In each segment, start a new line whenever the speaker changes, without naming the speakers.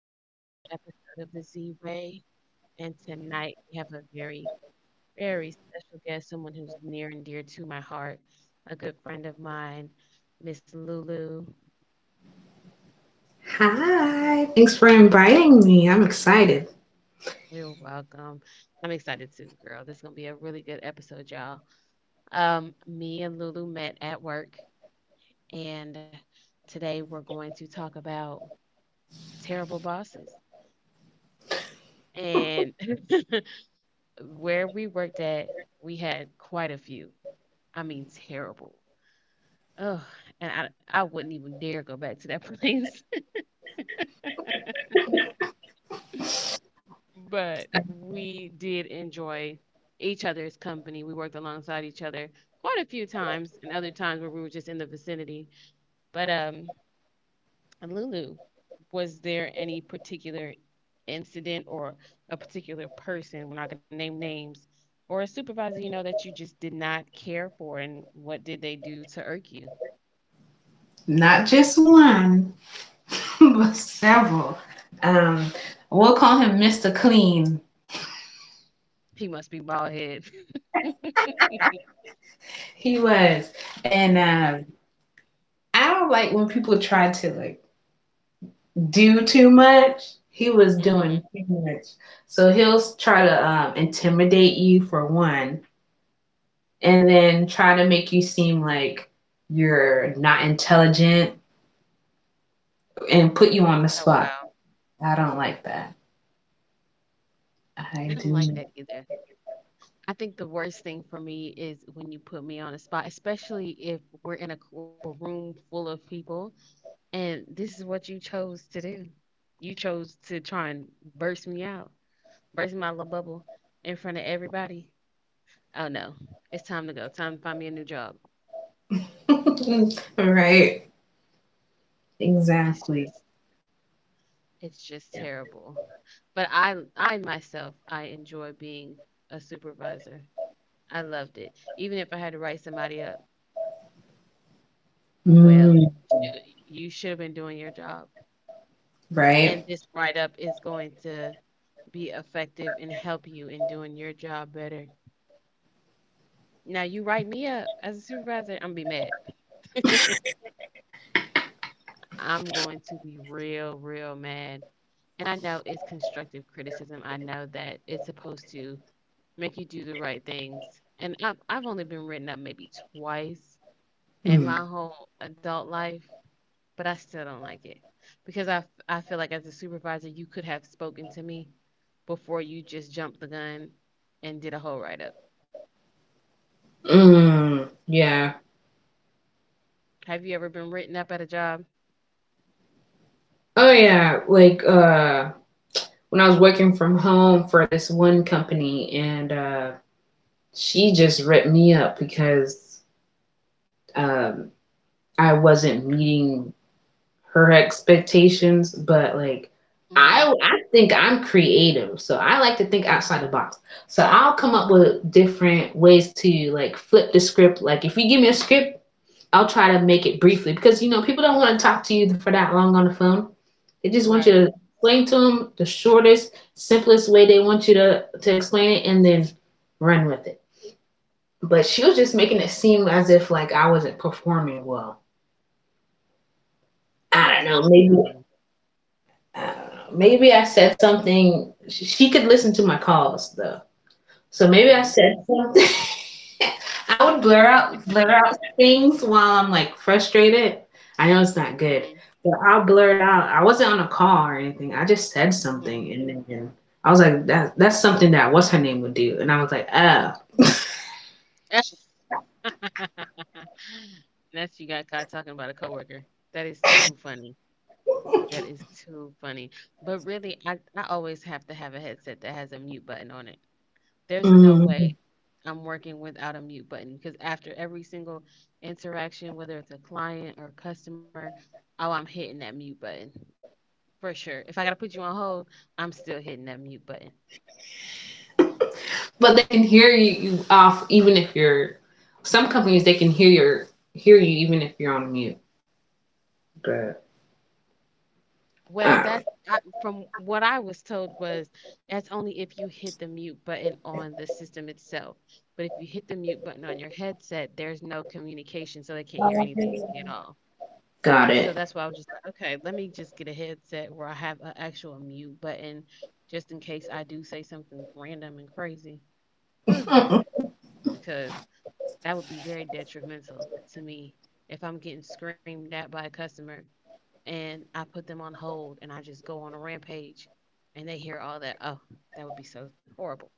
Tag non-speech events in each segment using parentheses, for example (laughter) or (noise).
We have another episode of the Z Way, and tonight we have a very, very special guest, someone who's near and dear to my heart, a good friend of mine, Miss Lulu.
Hi, thanks for inviting me. I'm excited.
You're welcome. I'm excited too, girl. This is gonna be a really good episode, y'all. Me and Lulu met at work, and today we're going to talk about terrible bosses and (laughs) where we worked at. We had quite a few, I mean, terrible. Ugh, and I wouldn't even dare go back to that (laughs) place. But we did enjoy each other's company. We worked alongside each other quite a few times, and other times where we were just in the vicinity. But Lulu, was there any particular incident or a particular person? We're not gonna name names. Or a supervisor, you know, that you just did not care for, and what did they do to irk you?
Not just one, (laughs) but several. Um, we'll call him Mr. Clean.
He must be bald head. (laughs)
He was. And I don't like when people try to do too much. He was doing
Hmm.
too much. So he'll try to intimidate you for one, and then try to make you seem like you're not intelligent and put you on the
Oh
spot.
wow.
I don't like that. I
I don't like
do.
that either. I think the worst thing for me is when you put me on a spot, especially if we're in a room full of people, and this is what you chose to do. You chose to try and burst me out, burst my little bubble in front of everybody. Oh no, it's time to go. Time to find me a new job.
(laughs) Right.
It's
Exactly.
just, it's just
Yeah.
terrible. But I myself, I enjoy being a supervisor. I loved it. Even if I had to write somebody up, well,
Mm,
you should have been doing your job. And
right.
this write up is going to be effective and help you in doing your job better. Now you write me up as a supervisor, I'm gonna be mad. (laughs) I'm going to be real, real mad. And I know it's constructive criticism. I know that it's supposed to make you do the right things. And I've only been written up maybe twice in
Mm.
my whole adult life. But I still don't like it because I feel like as a supervisor, you could have spoken to me before you just jumped the gun and did a whole write up.
Mm, yeah.
Have you ever been written up at a job?
Oh yeah. Like when I was working from home for this one company and she just ripped me up because um I wasn't meeting her expectations, but like
Hmm.
I think I'm creative, so I like to think outside the box. So I'll come up with different ways to like flip the script. Like if you give me a script, I'll try to make it briefly because you know people don't want to talk to you for that long on the phone. They just want you
Right.
to explain to them the shortest, simplest way they want you to explain it, and then run with it. But she was just making it seem as if like I wasn't performing well.
Oh
I
well, that's
don't know.
dumb.
Maybe I don't know. Maybe I said something. She could listen to my calls though, so
Hmm,
maybe I
mm.
said something. (laughs) I would blur out things while I'm like frustrated. I know it's not
Hmm.
good, but I'll blur it out. I wasn't on a call or anything. I just said
mm hmm
something, and then I was like, "That's something that what's her name would do," and I was like, "Oh."
(sighs) That's You got caught talking about a coworker. That is too funny. That is too funny. But really, I always have to have a headset that has a mute button on it. There's no way
Mm.
I'm working without a mute button because after every single interaction, whether it's a client or customer, oh, I'm hitting that mute button for sure. If I got to put you on hold, I'm still hitting that mute button.
But they can hear you off even if you're. Some companies they can hear you even if you're on mute. But
Well, that's,
I
I, from what I was told, was that's only if you hit the mute button on the system itself. But if you hit the mute button on your headset, there's no communication, so they
do
can't hear anything at all. So
got
that's
it.
why I was just like, okay, let me just get a headset where I have an actual mute button just in case I do say something random and crazy.
(laughs)
(sighs) Because that would be very detrimental to me if I'm getting screamed at by a customer and I put them on hold and I just go on a rampage and they hear all that. Oh, that would be so horrible.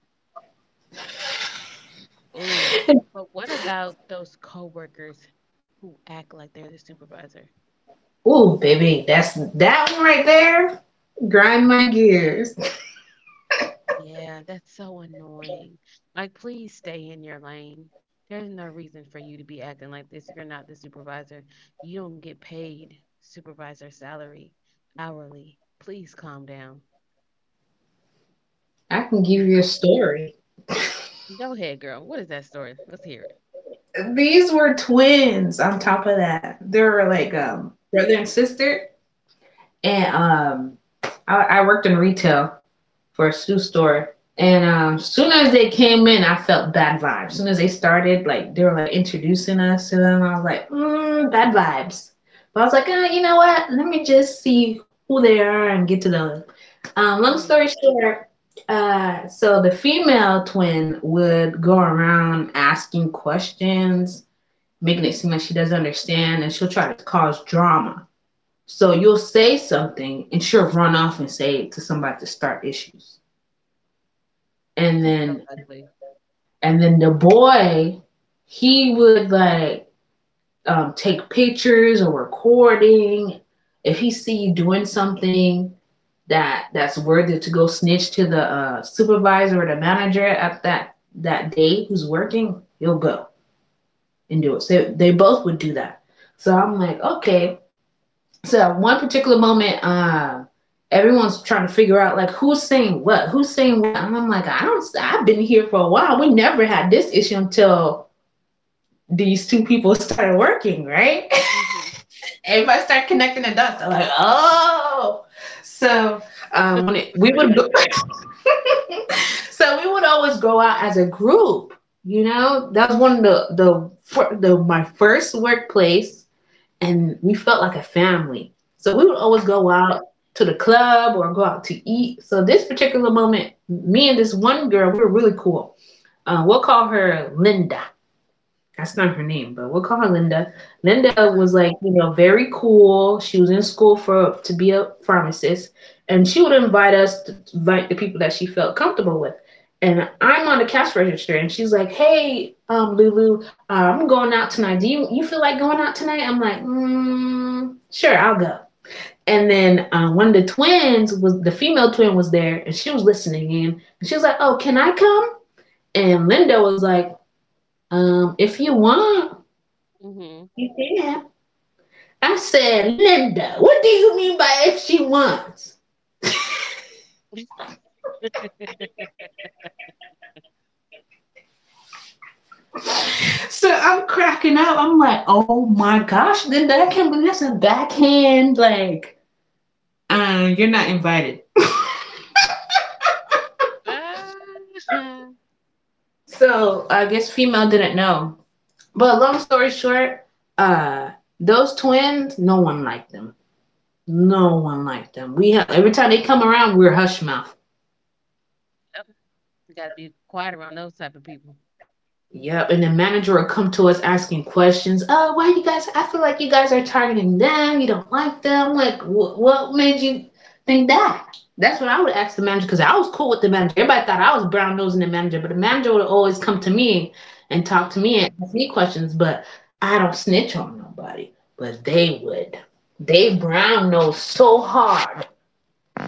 Ooh. But what about those coworkers who act like they're the supervisor?
Ooh, baby, that's that one right there. Grind my gears.
Yeah, that's so annoying. Like, please stay in your lane. There's no reason for you to be acting like this. You're not the supervisor. You don't get paid supervisor salary hourly. Please calm down.
I can give
Please.
you a story.
Go ahead, girl. What is that story? Let's hear it.
These were twins on top of that. They were like
Hmm.
brother and sister. And I worked in retail for a shoe store. And Soon as they came in, I felt bad vibes. Soon as they started, like they were like introducing us to them, I was like, mm, bad vibes. But I was like, oh, you know what? Let me just see who they are and get to them.
Hmm.
Long story short, so the female twin would go around asking questions, making it seem like she doesn't understand, and she'll try to cause drama. So you'll say something, and she'll run off and say it to somebody to start issues and
That's so
then
ugly.
and then the boy he would like take pictures or recording if he see you doing something that that's worthy to go snitch to the supervisor or the manager at that day who's working, you'll go and do it. So they both would do that. So I'm like, okay. So at one particular moment, everyone's trying to figure out like who's saying what, and I'm like, I don't, I've been here for a while. We never had this issue until these two people started working, right?
Hmm.
(laughs) Everybody started connecting the dots. They're like, oh, so when it we would go, (laughs) so we would always go out as a group. You know, that was one of the my first workplace, and we felt like a family. So we would always
Hmm.
go out to the club or go out to eat. So this particular moment, me and this one girl, we were really cool. We'll call her Linda, that's not her name, but we'll call her Linda. Linda
Uh-huh.
was like, you know, very cool. She was in school for to be a pharmacist, and she would invite us to invite the people that she felt comfortable with. And I'm on the cash register, and she's like, "Hey, Lulu, I'm going out tonight. Do you feel like going out tonight?" I'm like, mm, "Sure, I'll go." And then one of the twins was the female twin was there, and she was listening in, and she was like, "Oh, can I come?" And Linda was like, "If you want."
Hmm.
You did. I said, Linda, what do you mean by if she wants?
(laughs)
So I'm cracking up. I'm like, oh my gosh, Linda, I can't believe that's a backhand. Like, you're not invited.
Ah, (laughs)
So I guess female didn't know. But long story short, uh, those twins, no one liked them. No one liked them. We have every time they come around, we're hush mouth.
yep. You gotta be quiet around those type of people.
Yep, and the manager will come to us asking questions. Oh, why you guys? I feel like you guys are targeting them. You don't like them. Like, what made you think that? That's what I would ask the manager because I was cool with the manager. Everybody thought I was brown nosing the manager, but the manager would always come to me and talk to
Hmm.
me and ask me questions. But I don't snitch on nobody. But they would. They brown nose so hard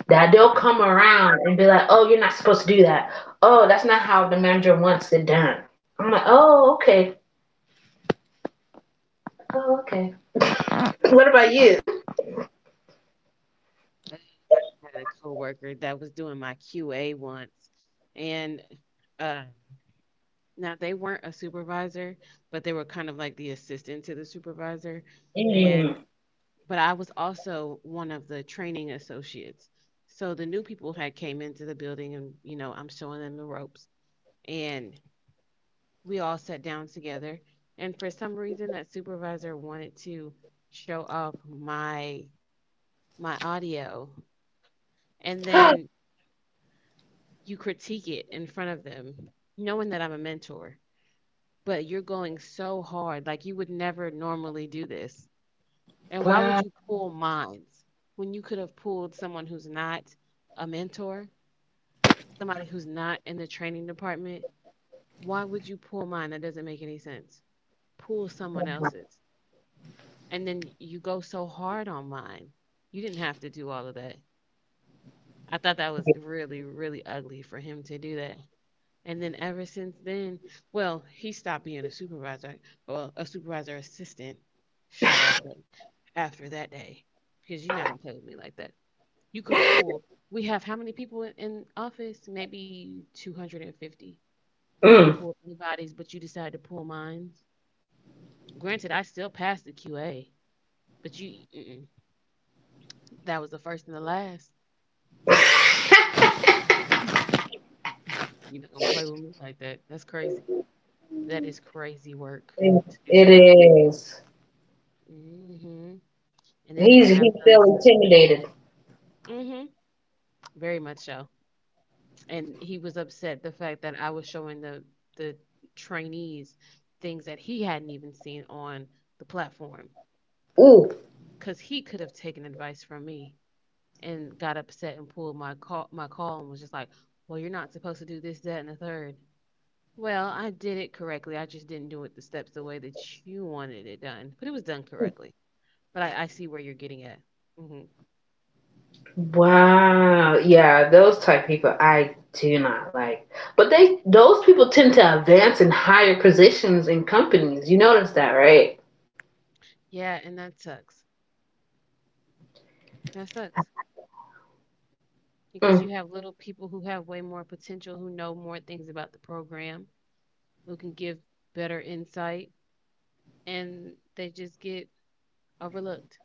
that they'll come around and be like, "Oh, you're not supposed to do that. Oh, that's not how the manager wants it done." I'm like, "Oh, okay. Oh, okay. (laughs) What about you?
Oh, I had a coworker that was doing my QA once, and uh, now they weren't a supervisor, but they were kind of like the assistant to the supervisor.
Mm.
And but I was also one of the training associates. So the new people had came into the building, and you know I'm showing them the ropes, and we all sat down together. And for some reason, that supervisor wanted to show off my audio and then
(gasps)
you critique it in front of them, knowing that I'm a mentor, but you're going so hard. Like you would never normally do this. And why would
Wow.
you pull mines when you could have pulled someone who's not a mentor, somebody who's not in the training department? Why would you pull mine? That doesn't make any sense. Pull someone else's. And then you go so hard on mine. You didn't have to do all of that. I thought that was really, really ugly for him to do that. And then ever since then, well, he stopped being a supervisor, well, a supervisor assistant, shall I say, after that day, because you're not gonna play with me like that. You could have pulled. We have how many people in office? Maybe 250. You could have
Mm.
pulled anybody's, but you decided to pull mine. Granted, I still passed the QA, but you, mm-mm. That was the first and the last. You're not gonna play with me like that. That's crazy. That is crazy work to do
It
that.
is.
Hmm. And then you have
He feel
those.
intimidated.
Mhm. Very much so. And he was upset the fact that I was showing the trainees things that he hadn't even seen on the platform,
Ooh.
cuz he could have taken advice from me and got upset and pulled my call and was just like, "Well, you're not supposed to do this, that, and the third." Well, I did it correctly. I just didn't do it the steps the way that you wanted it done, but it was done correctly. But I see where you're getting at. Hmm.
Wow. Yeah, those type people I do not like. But they those people tend to advance in higher positions in companies. You notice that, right?
Yeah, and that sucks. That sucks. Because
Mm.
you have little people who have way more potential, who know more things about the program, who can give better insight, and they just get overlooked.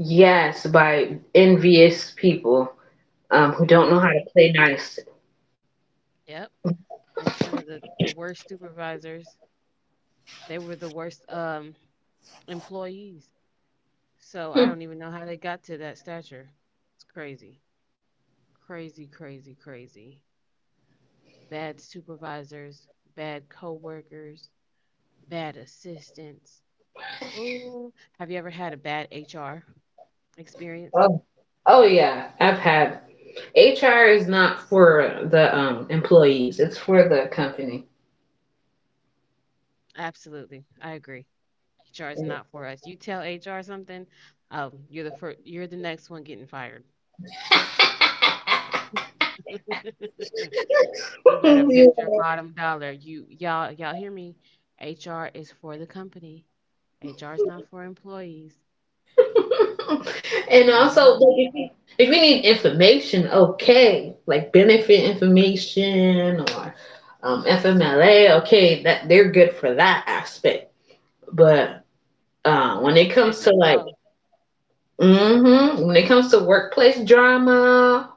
Yes, by envious people. Who don't know how to
Hmm.
play nice.
Yep. And some of the worst supervisors, they were the worst employees. So I don't even know how they got to that stature. It's crazy. Crazy, crazy, crazy. Bad supervisors, bad coworkers, bad assistants. Ooh, have you ever had a bad HR experience?
Oh, oh yeah, I've had. HR is not for the employees; it's for the company.
Absolutely. I agree. HR is not for
(laughs)
us. You tell HR something, oh, you're the first, you're the next one getting fired. (laughs) You better
And
bet your bottom dollar. You y'all y'all hear me? HR is for the company. HR is not for employees. Not at
also,
all.
like, if you need information, okay, like benefit information or FMLA, okay, that they're good for that aspect. But when it
That's it.
comes to
That's
like,
all.
when it comes to workplace drama,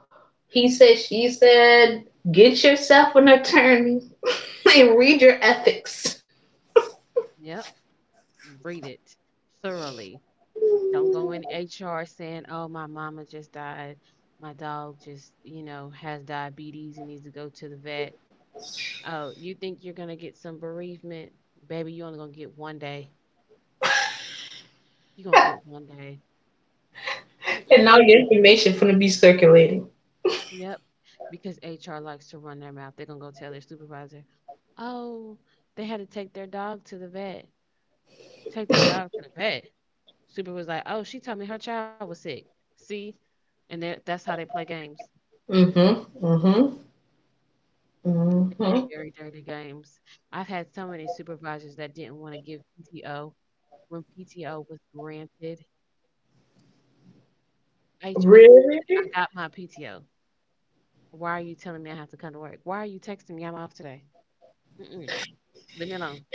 he said, she said, get yourself an attorney (laughs) and read your ethics.
Yep. Read it thoroughly. Don't go in HR saying, "Oh, my mama just died. My dog just, has diabetes and needs to go to the vet." Oh, you think you're gonna get some bereavement? Baby, you only gonna get one day. You gonna get one day.
And
Mm-mm.
all your information going to be circulating.
Yep. Because HR likes to run their mouth. They're gonna go tell their supervisor, oh, they had to take their dog to the vet. Take their dog to the vet. Super was like, oh, she told me her child was sick. See? And that's how they play games.
Mm-hmm. Mm-hmm. Mm-hmm.
Very dirty games. I've had so many supervisors that didn't want to give PTO when PTO was granted. H- H-
Really?
I got my PTO. Why are you telling me I have to come to work? Why are you texting me I'm off today? Mm-mm. Leave me alone.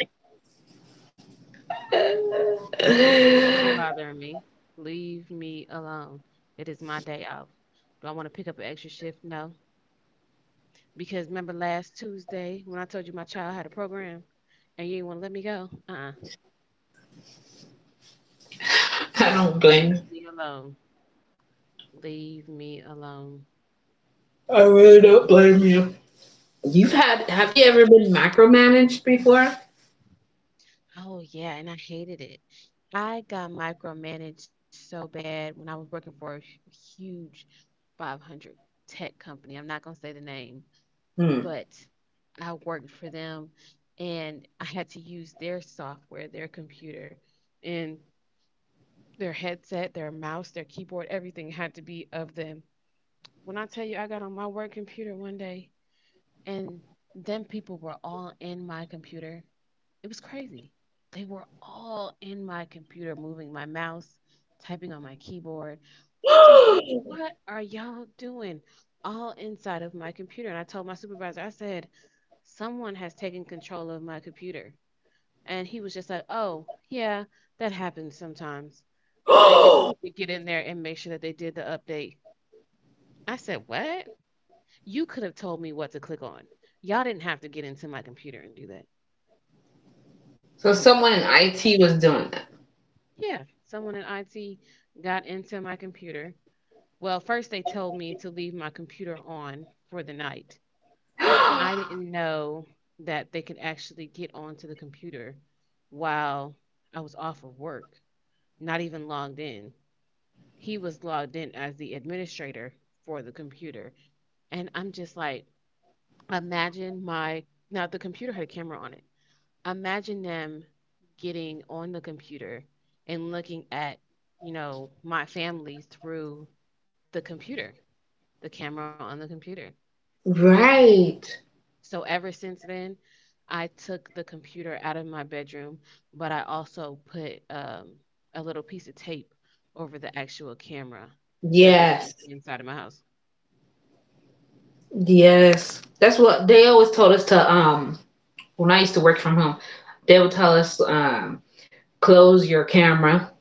Don't come
(laughs)
bothering me. Leave me alone. It is my day off. Do I want to pick up an extra shift? No. Because remember last Tuesday when I told you my child had a program and you didn't want to let me go? Uh-uh.
I don't blame you.
Leave me alone. Leave me alone.
I really don't blame you. You've had Have
So-
you ever been micromanaged before?
Oh, yeah. And I hated it. I got micromanaged so bad when I was working for a huge 500 tech company. I'm not going to say the name.
Hmm.
But I worked for them and I had to use their software, their computer, and their headset, their mouse, their keyboard, everything had to be of them. When I tell you I got on my work computer one day and them people were all in my computer, it was crazy. They were all in my computer, moving my mouse, typing on my keyboard. I'm just like, what are y'all doing? All inside of my computer. And I told my supervisor, I said, someone has taken control of my computer. And he was just like, oh, yeah, that happens sometimes. They just need to get in there and make sure that they did the update. I said, what? You could have told me what to click on. Y'all didn't have to get into my computer and do that.
(gasps) So someone in IT was doing
Yeah, someone in IT got into my computer. Well, first they told me to leave my computer on for the night. I
that.
didn't
(gasps)
know that they could actually get onto the computer while I was off of work, not even logged in. He was logged in as the administrator for the computer. And I'm just like, imagine my, now the computer had a camera on it. Imagine them getting on the computer and looking at, my family through the computer, the camera on the computer.
Right.
So ever since then, I took the computer out of my bedroom, but I also put a little piece of tape over the actual camera so that they
Yes.
couldn't see inside of my house.
Yes, that's what they always told us to. When I used to work from home, they would tell us close your camera.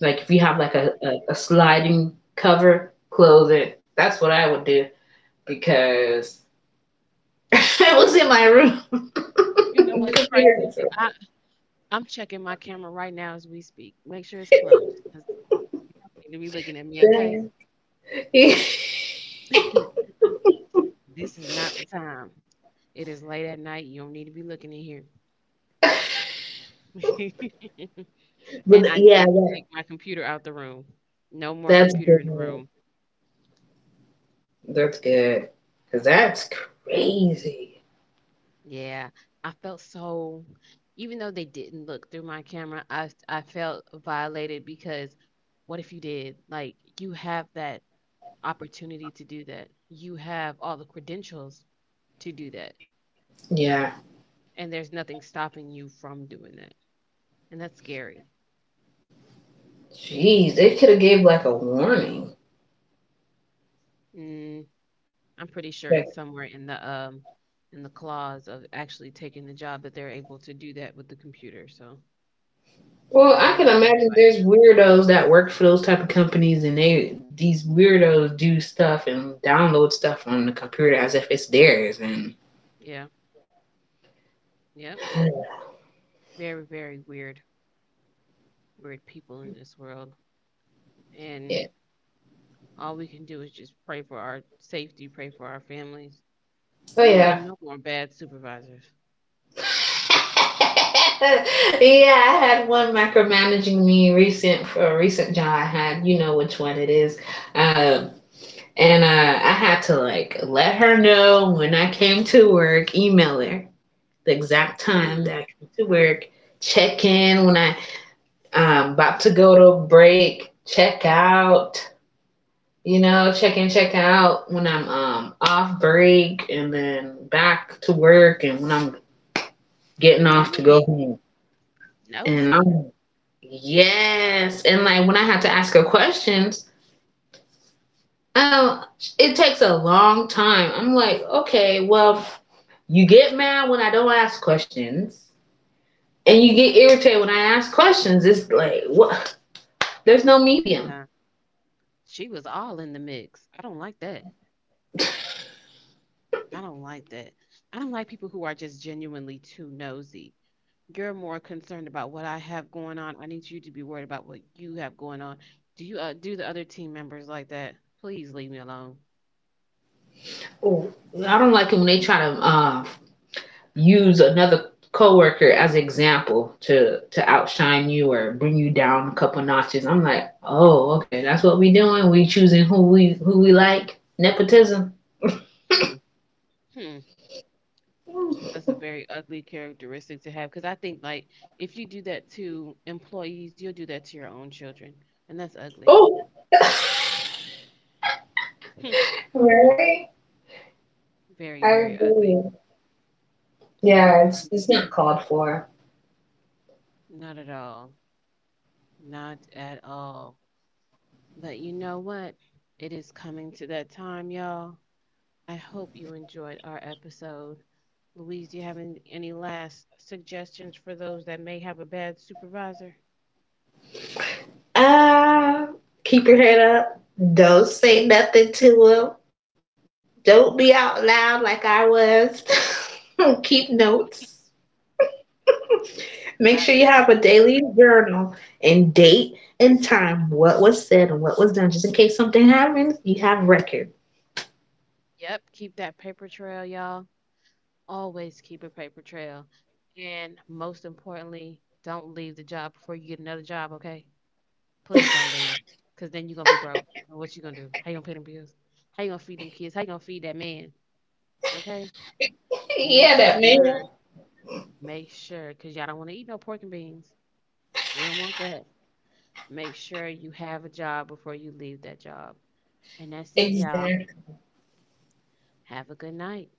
Like if you have
Mhm.
like a sliding cover, close it. That's what I would do because (laughs) I was in my room. (laughs)
You know
The
what's
computer was
crazy? I'm checking my camera right now as we speak. Make sure it's closed because they be looking at me, okay?
so (laughs)
(laughs) This is not the time. It is late at night. You don't need to be looking in here. (laughs) And
But
I
yeah,
did take my computer out the room. No more
that's
computer in the
good.
room.
That's good. Cause that's crazy.
Yeah, I felt so, even though they didn't look through my camera, I felt violated because what if you did? Like you have that opportunity to do that. You have all the credentials to do that,
Yeah.
and there's nothing stopping you from doing that, and that's scary.
Jeez, they could have gave like a warning.
I'm pretty sure it's somewhere in the clause of actually taking the job that they're able to do that with the computer. So
Well,
and I
I can
didn't
imagine
fight
there's weirdos that work for those type of companies, and they these weirdos do stuff and download stuff on the computer as if it's theirs. And
it. Yeah. Yep. Very, very weird, weird people in this world. And
yeah,
all we can do is just pray for our safety, pray for our families.
oh
Who and
yeah,
no more bad supervisors.
(laughs) yeah. I had one micromanaging me recent for a recent job I had. You know which one it is. Um, and I had to like let her know when I came to work, email her the exact time
Mm.
that I came to work, check in when I about to go to break, check out, you know, check in, check out when I'm off break and then back to work and when I'm getting off to go
Dang.
home. And
Nosy.
I'm Yes. And like when I have to ask her questions, oh, it takes a long time. I'm like, okay, well, you get mad when I don't ask questions. And you get irritated when I ask questions. It's like what, there's no medium.
Yeah. She was all in the mix. I don't like that. I don't like that. I don't like people who are just genuinely too nosy. You're more concerned about what I have going on. I need you to be worried about what you have going on. Do you do the other team members like that? Please leave me alone.
Oh, I don't like it when they try to use another coworker as example to outshine you or bring you down a couple notches. I'm like, oh, okay, that's what we doing. We choosing who we like. Nepotism.
Hmm. Hmm. That's a very ugly characteristic to have because I think like if you do that to employees, you'll do that to your own children, and that's ugly.
Oh,
Hmm,
right.
very, very ugly.
Yeah,
Hmm.
it's not called for.
Not at all. Not at all. But you know what? It is coming to that time, y'all. I hope you enjoyed our episode. Louise, do you have any last suggestions for those that may have a bad supervisor?
Uh, Keep your head up. Don't say nothing to him. Don't be out loud like I was. (laughs) Keep notes. Make
I,
sure you have a daily journal and date and time what was said and what was done, just in case something happens, you have record.
yep, keep that paper trail, y'all. Always keep a paper trail. And most importantly, don't leave the job before you get another job, okay? Please don't leave. Cause then you're gonna be broke. What you gonna do? How you gonna pay them bills? How you gonna feed them kids? How you gonna feed that man? Okay?
Yeah,
Make
that man.
sure, make sure, cause y'all don't wanna eat no pork and beans. We don't want that. Make sure you have a job before you leave that job. And that's it, y'all.
Exactly.
Have a good night.